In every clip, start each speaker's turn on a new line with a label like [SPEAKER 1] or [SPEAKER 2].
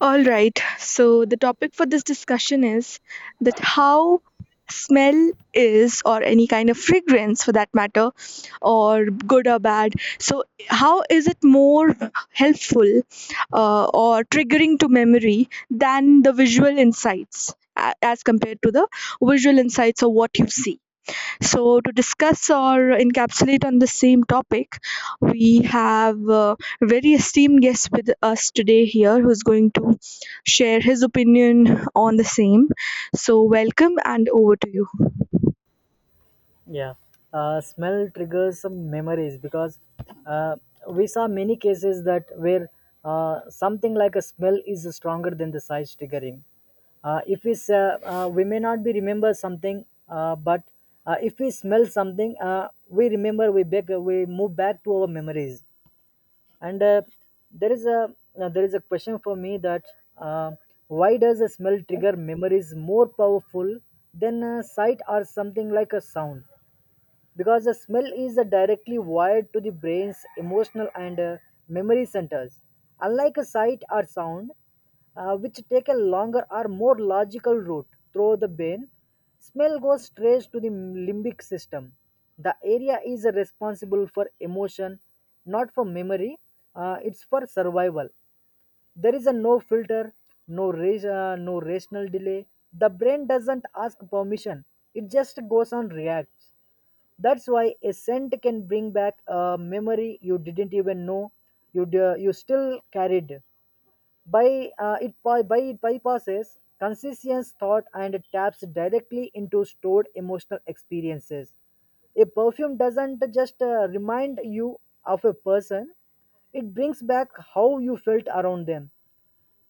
[SPEAKER 1] All right. So the topic for this discussion is that how smell is or any kind of fragrance for that matter or good or bad, so how is it more helpful or triggering to memory than the visual insights as compared to the visual insights of what you see, so to discuss or encapsulate on the same topic, we have a very esteemed guest with us today here who's going to share his opinion on the same. So, welcome and over to you.
[SPEAKER 2] Yeah, smell triggers some memories because uh, we saw many cases that where something like a smell is stronger than the size triggering. If we say, we may not be remember something, but if we smell something, we remember we move back to our memories. And there is a there is a question for me that uh, why does a smell trigger memories more powerful than a sight or something like a sound? Because the smell is directly wired to the brain's emotional and memory centers, unlike a sight or sound, which take a longer or more logical route through the brain. Smell goes straight to the limbic system, the area is responsible for emotion, not for memory. It's for survival. There is a no filter, no race, no rational delay. The brain doesn't ask permission, it just goes on reacts. That's why a scent can bring back a memory you didn't even know you still carried. By it by it bypasses conscious thought and taps directly into stored emotional experiences. A perfume doesn't just remind you of a person; it brings back how you felt around them.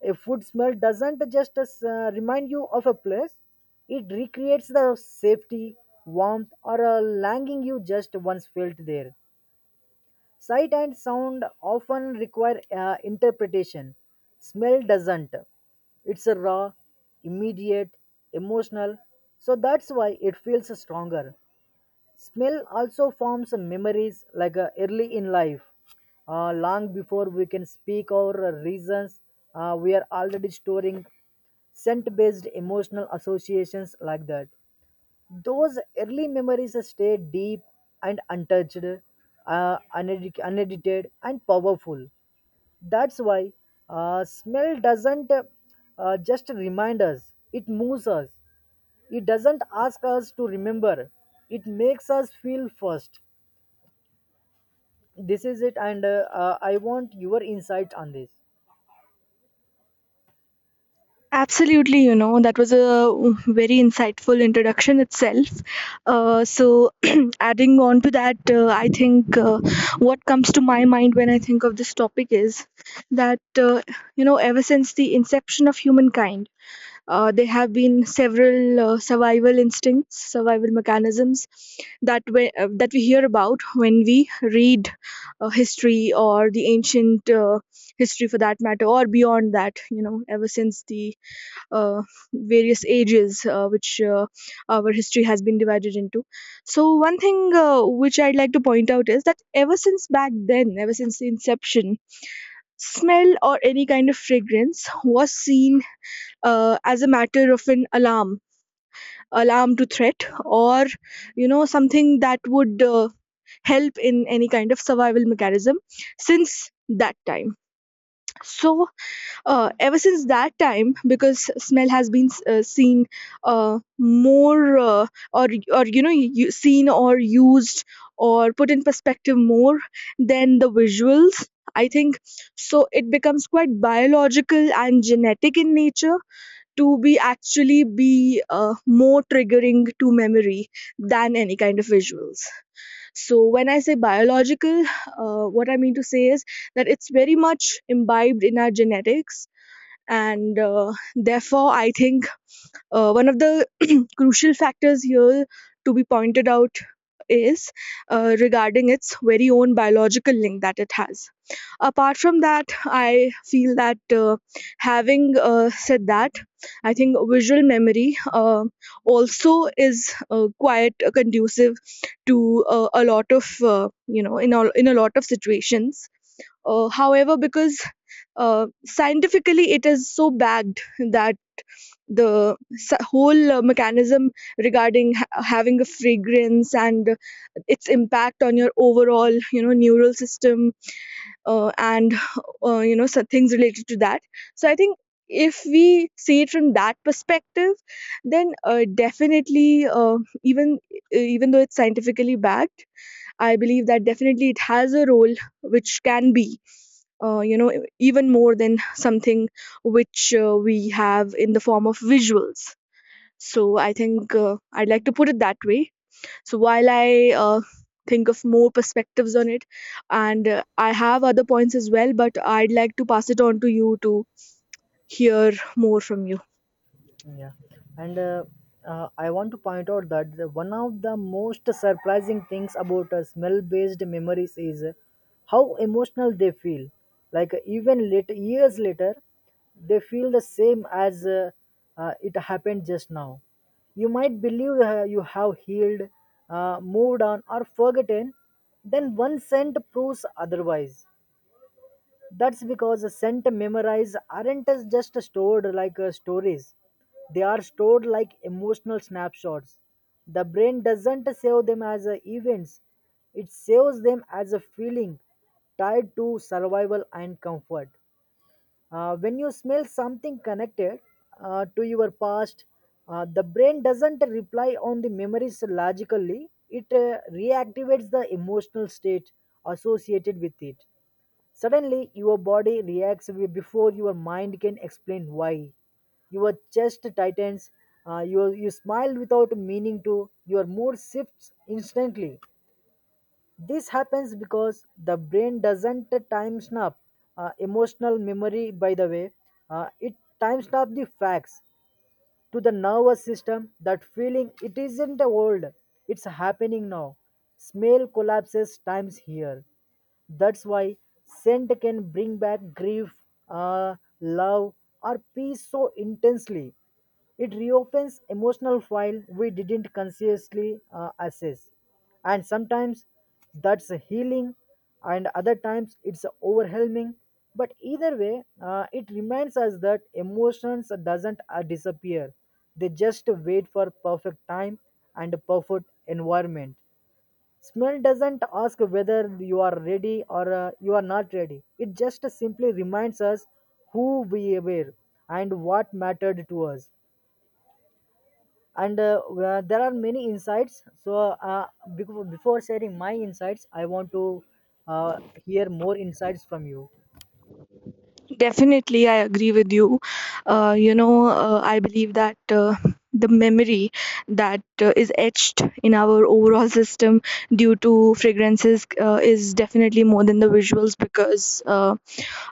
[SPEAKER 2] A food smell doesn't just remind you of a place, it recreates the safety, warmth, or a longing you just once felt there. Sight and sound often require interpretation. Smell doesn't. It's a raw, immediate, emotional, so that's why it feels stronger. Smell also forms memories like early in life, long before we can speak our reasons. We are already storing scent-based emotional associations like that. Those early memories stay deep and untouched, unedited, and powerful. That's why smell doesn't just remind us; it moves us. It doesn't ask us to remember, it makes us feel first. This is it, and I want your insight on this.
[SPEAKER 1] Absolutely, you know, that was a very insightful introduction itself. So, adding on to that, I think what comes to my mind when I think of this topic is that, ever since the inception of humankind, there have been several survival instincts, survival mechanisms that we hear about when we read history or the ancient history for that matter, or beyond that, you know, ever since the uh, various ages which our history has been divided into. So, one thing which I'd like to point out is that ever since back then, ever since the inception, smell or any kind of fragrance was seen as a matter of an alarm to threat, or something that would help in any kind of survival mechanism since that time. So ever since that time, because smell has been seen more, or seen or used or put in perspective more than the visuals, I think. So it becomes quite biological and genetic in nature to be actually be more triggering to memory than any kind of visuals. So when I say biological, what I mean to say is that it's very much imbibed in our genetics, and therefore I think one of the crucial factors here to be pointed out is regarding its very own biological link that it has. Apart from that, I feel that, having said that, I think visual memory also is quite conducive to a lot of you know in all, in a lot of situations. However, because scientifically it is so bagged that the whole mechanism regarding having a fragrance and its impact on your overall neural system, and so things related to that. So I think if we see it from that perspective, then definitely even though it's scientifically backed, I believe that definitely it has a role which can be, uh, you know even more than something which we have in the form of visuals. So I think I'd like to put it that way. So while I think of more perspectives on it, and I have other points as well, but I'd like to pass it on to you to hear more from you.
[SPEAKER 2] Yeah, and I want to point out that one of the most surprising things about smell-based memories is how emotional they feel. Like even later, years later, they feel the same as it happened just now. You might believe you have healed, moved on, or forgotten, then one scent proves otherwise. That's because the scent memories aren't as just stored like stories. They are stored like emotional snapshots. The brain doesn't save them as events. It saves them as a feeling tied to survival and comfort. When you smell something connected to your past, the brain doesn't reply on the memories logically. It reactivates the emotional state associated with it. Suddenly, your body reacts before your mind can explain why. Your chest tightens, you smile without meaning to, your mood shifts instantly. This happens because the brain doesn't time snap emotional memory, by the way. It time snap the facts to the nervous system that feeling it isn't old, it's happening now. Smell collapses times here. That's why scent can bring back grief, love, or peace so intensely. It reopens emotional file we didn't consciously assess. And sometimes that's a healing, and other times it's overwhelming. But either way, it reminds us that emotions doesn't disappear. They just wait for perfect time and a perfect environment. Smell doesn't ask whether you are ready or you are not ready. It just simply reminds us who we were and what mattered to us. And there are many insights. So, uh, before sharing my insights, I want to hear more insights from you.
[SPEAKER 1] Definitely, I agree with you. I believe that. The memory that is etched in our overall system due to fragrances is definitely more than the visuals, because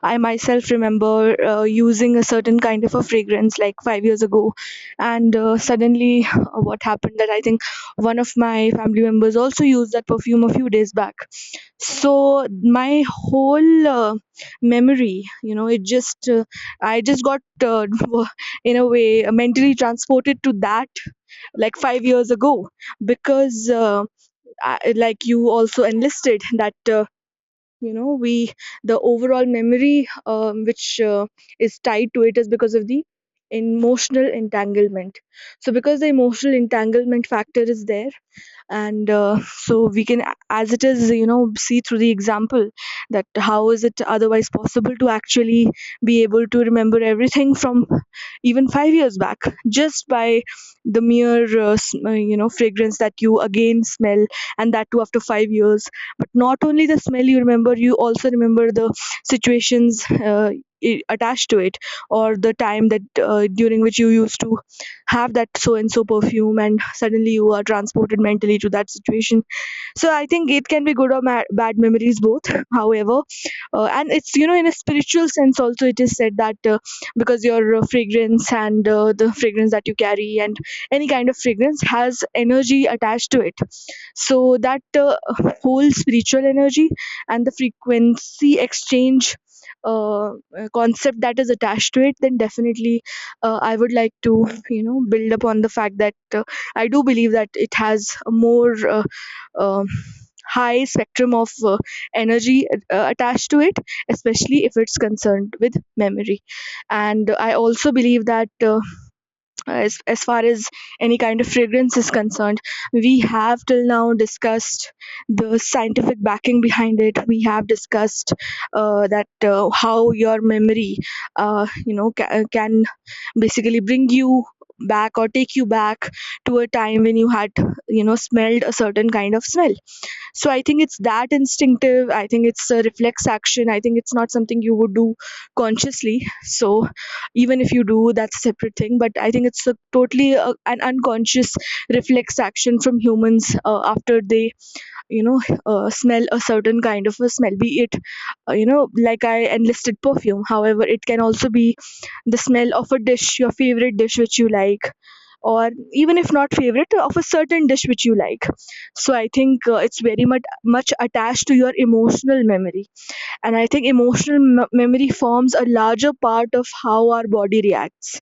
[SPEAKER 1] I myself remember using a certain kind of a fragrance like 5 years ago, and suddenly what happened that I think one of my family members also used that perfume a few days back. So my whole memory, it just I just got in a way mentally transported to that, like 5 years ago, because like you also enlisted that. You know we the overall memory, which is tied to it, is because of the emotional entanglement. So because the emotional entanglement factor is there, and so we can, as it is, see through the example that how is it otherwise possible to actually be able to remember everything from even 5 years back, just by the mere fragrance that you again smell, and that too after 5 years. But not only the smell, you remember; you also remember the situations attached to it, or the time that, during which, you used to have that so and so perfume, and suddenly you are transported mentally to that situation. So I think it can be good or bad memories, both. However, and it's, in a spiritual sense also, it is said that because your fragrance, and the fragrance that you carry, and any kind of fragrance, has energy attached to it. So that whole spiritual energy and the frequency exchange uh, concept that is attached to it, then definitely I would like to build upon the fact that, I do believe that it has more, um high spectrum of energy attached to it, especially if it's concerned with memory. And I also believe that, as far as any kind of fragrance is concerned, we have till now discussed the scientific backing behind it. We have discussed that, how your memory, can basically bring you back or take you back to a time when you had smelled a certain kind of smell. So I think it's that instinctive. I think it's a reflex action. I think it's not something you would do consciously. So even if you do, that's a separate thing. But I think it's a totally an unconscious reflex action from humans after they, you know, smell a certain kind of a smell. Be it, like I enlisted, perfume. However, it can also be the smell of a dish, your favorite dish which you like, or even if not favorite, of a certain dish which you like. So I think it's very much attached to your emotional memory, and I think emotional memory forms a larger part of how our body reacts,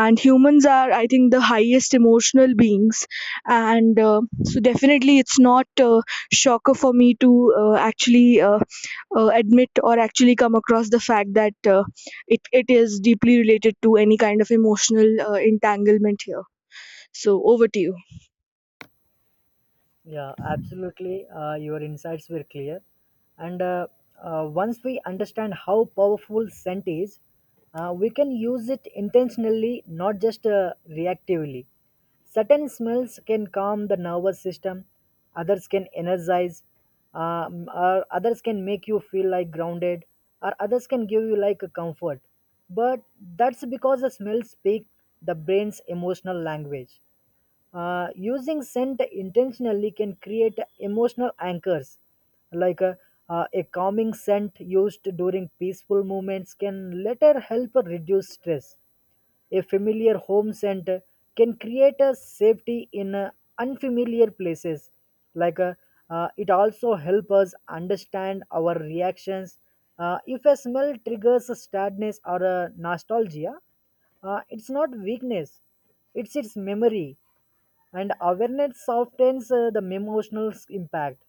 [SPEAKER 1] and humans are, I think, the highest emotional beings. And so definitely it's not a shocker for me to actually admit, or actually come across the fact that it is deeply related to any kind of emotional entanglement here. So over to you.
[SPEAKER 2] Yeah, absolutely. Your insights were clear. And once we understand how powerful scent is, we can use it intentionally, not just reactively. Certain smells can calm the nervous system, others can energize, or others can make you feel like grounded, or others can give you like a comfort. But that's because the smells speak the brain's emotional language. Using scent intentionally can create emotional anchors, like a calming scent used during peaceful moments can later help reduce stress. A familiar home center can create a safety in unfamiliar places. like uh, it also helps us understand our reactions. If a smell triggers a sadness or a nostalgia, it's not weakness, it's its memory, and awareness softens the emotional impact.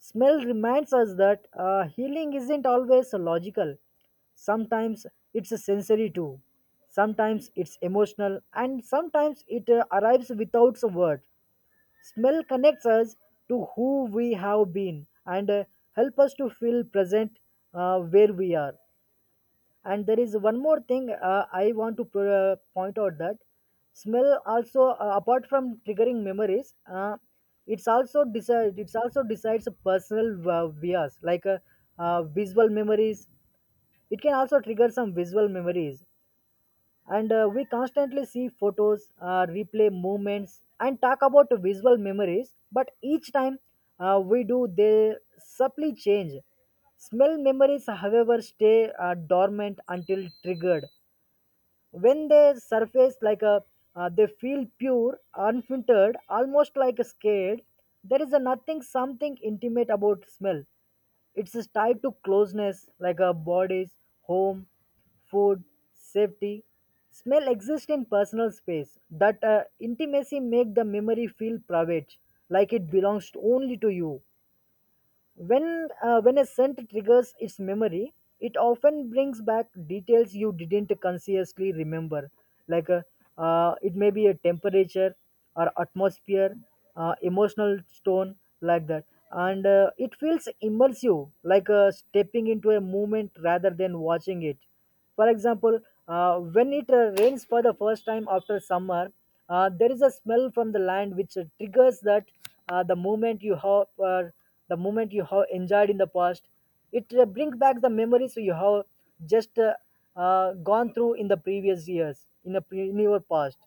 [SPEAKER 2] Smell reminds us that healing isn't always logical. Sometimes it's a sensory too. Sometimes it's emotional, and sometimes it arrives without a word. Smell connects us to who we have been, and help us to feel present where we are. And there is one more thing I want to point out that smell also, apart from triggering memories, it's also decides a personal bias like visual memories. It can also trigger some visual memories. And we constantly see photos, replay movements and talk about visual memories, but each time we do they subtly change. Smell memories however stay dormant until triggered. When they surface like a, they feel pure, unfiltered, almost like scared. There is a nothing something intimate about smell. It's is tied to closeness like a body's, home, food, safety. Smell exists in personal space. That intimacy make the memory feel private, like it belongs only to you. When when a scent triggers its memory, it often brings back details you didn't consciously remember, like it may be a temperature or atmosphere, emotional tone, like that. And it feels immersive, like stepping into a moment rather than watching it. For example, when it rains for the first time after summer, there is a smell from the land which triggers that. uh, the moment you have uh, the moment you have enjoyed in the past. It brings back the memories you have just gone through in the previous years in your past.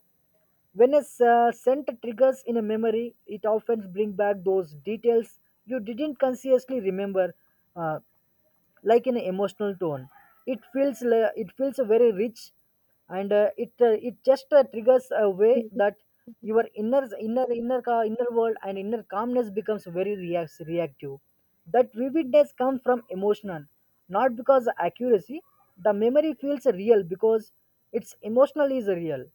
[SPEAKER 2] When a scent triggers in a memory, it often brings back those details you didn't consciously remember. Uh, like an emotional tone. It feels very rich, and it just triggers a way that your inner inner world and inner calmness becomes very reactive. That vividness comes from emotional, not because accuracy. The memory feels real because its emotional is real,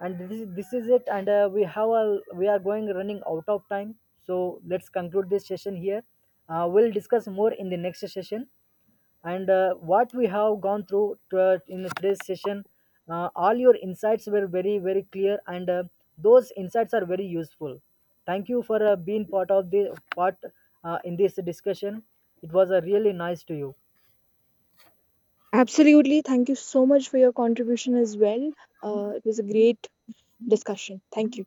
[SPEAKER 2] and this is it. And we are going running out of time, so let's conclude this session here. We'll discuss more in the next session. And what we have gone through in today's session, all your insights were very very clear, and those insights are very useful. Thank you for being part of the part in this discussion. It was really nice to you.
[SPEAKER 1] Absolutely. Thank you so much for your contribution as well. It was a great discussion. Thank you.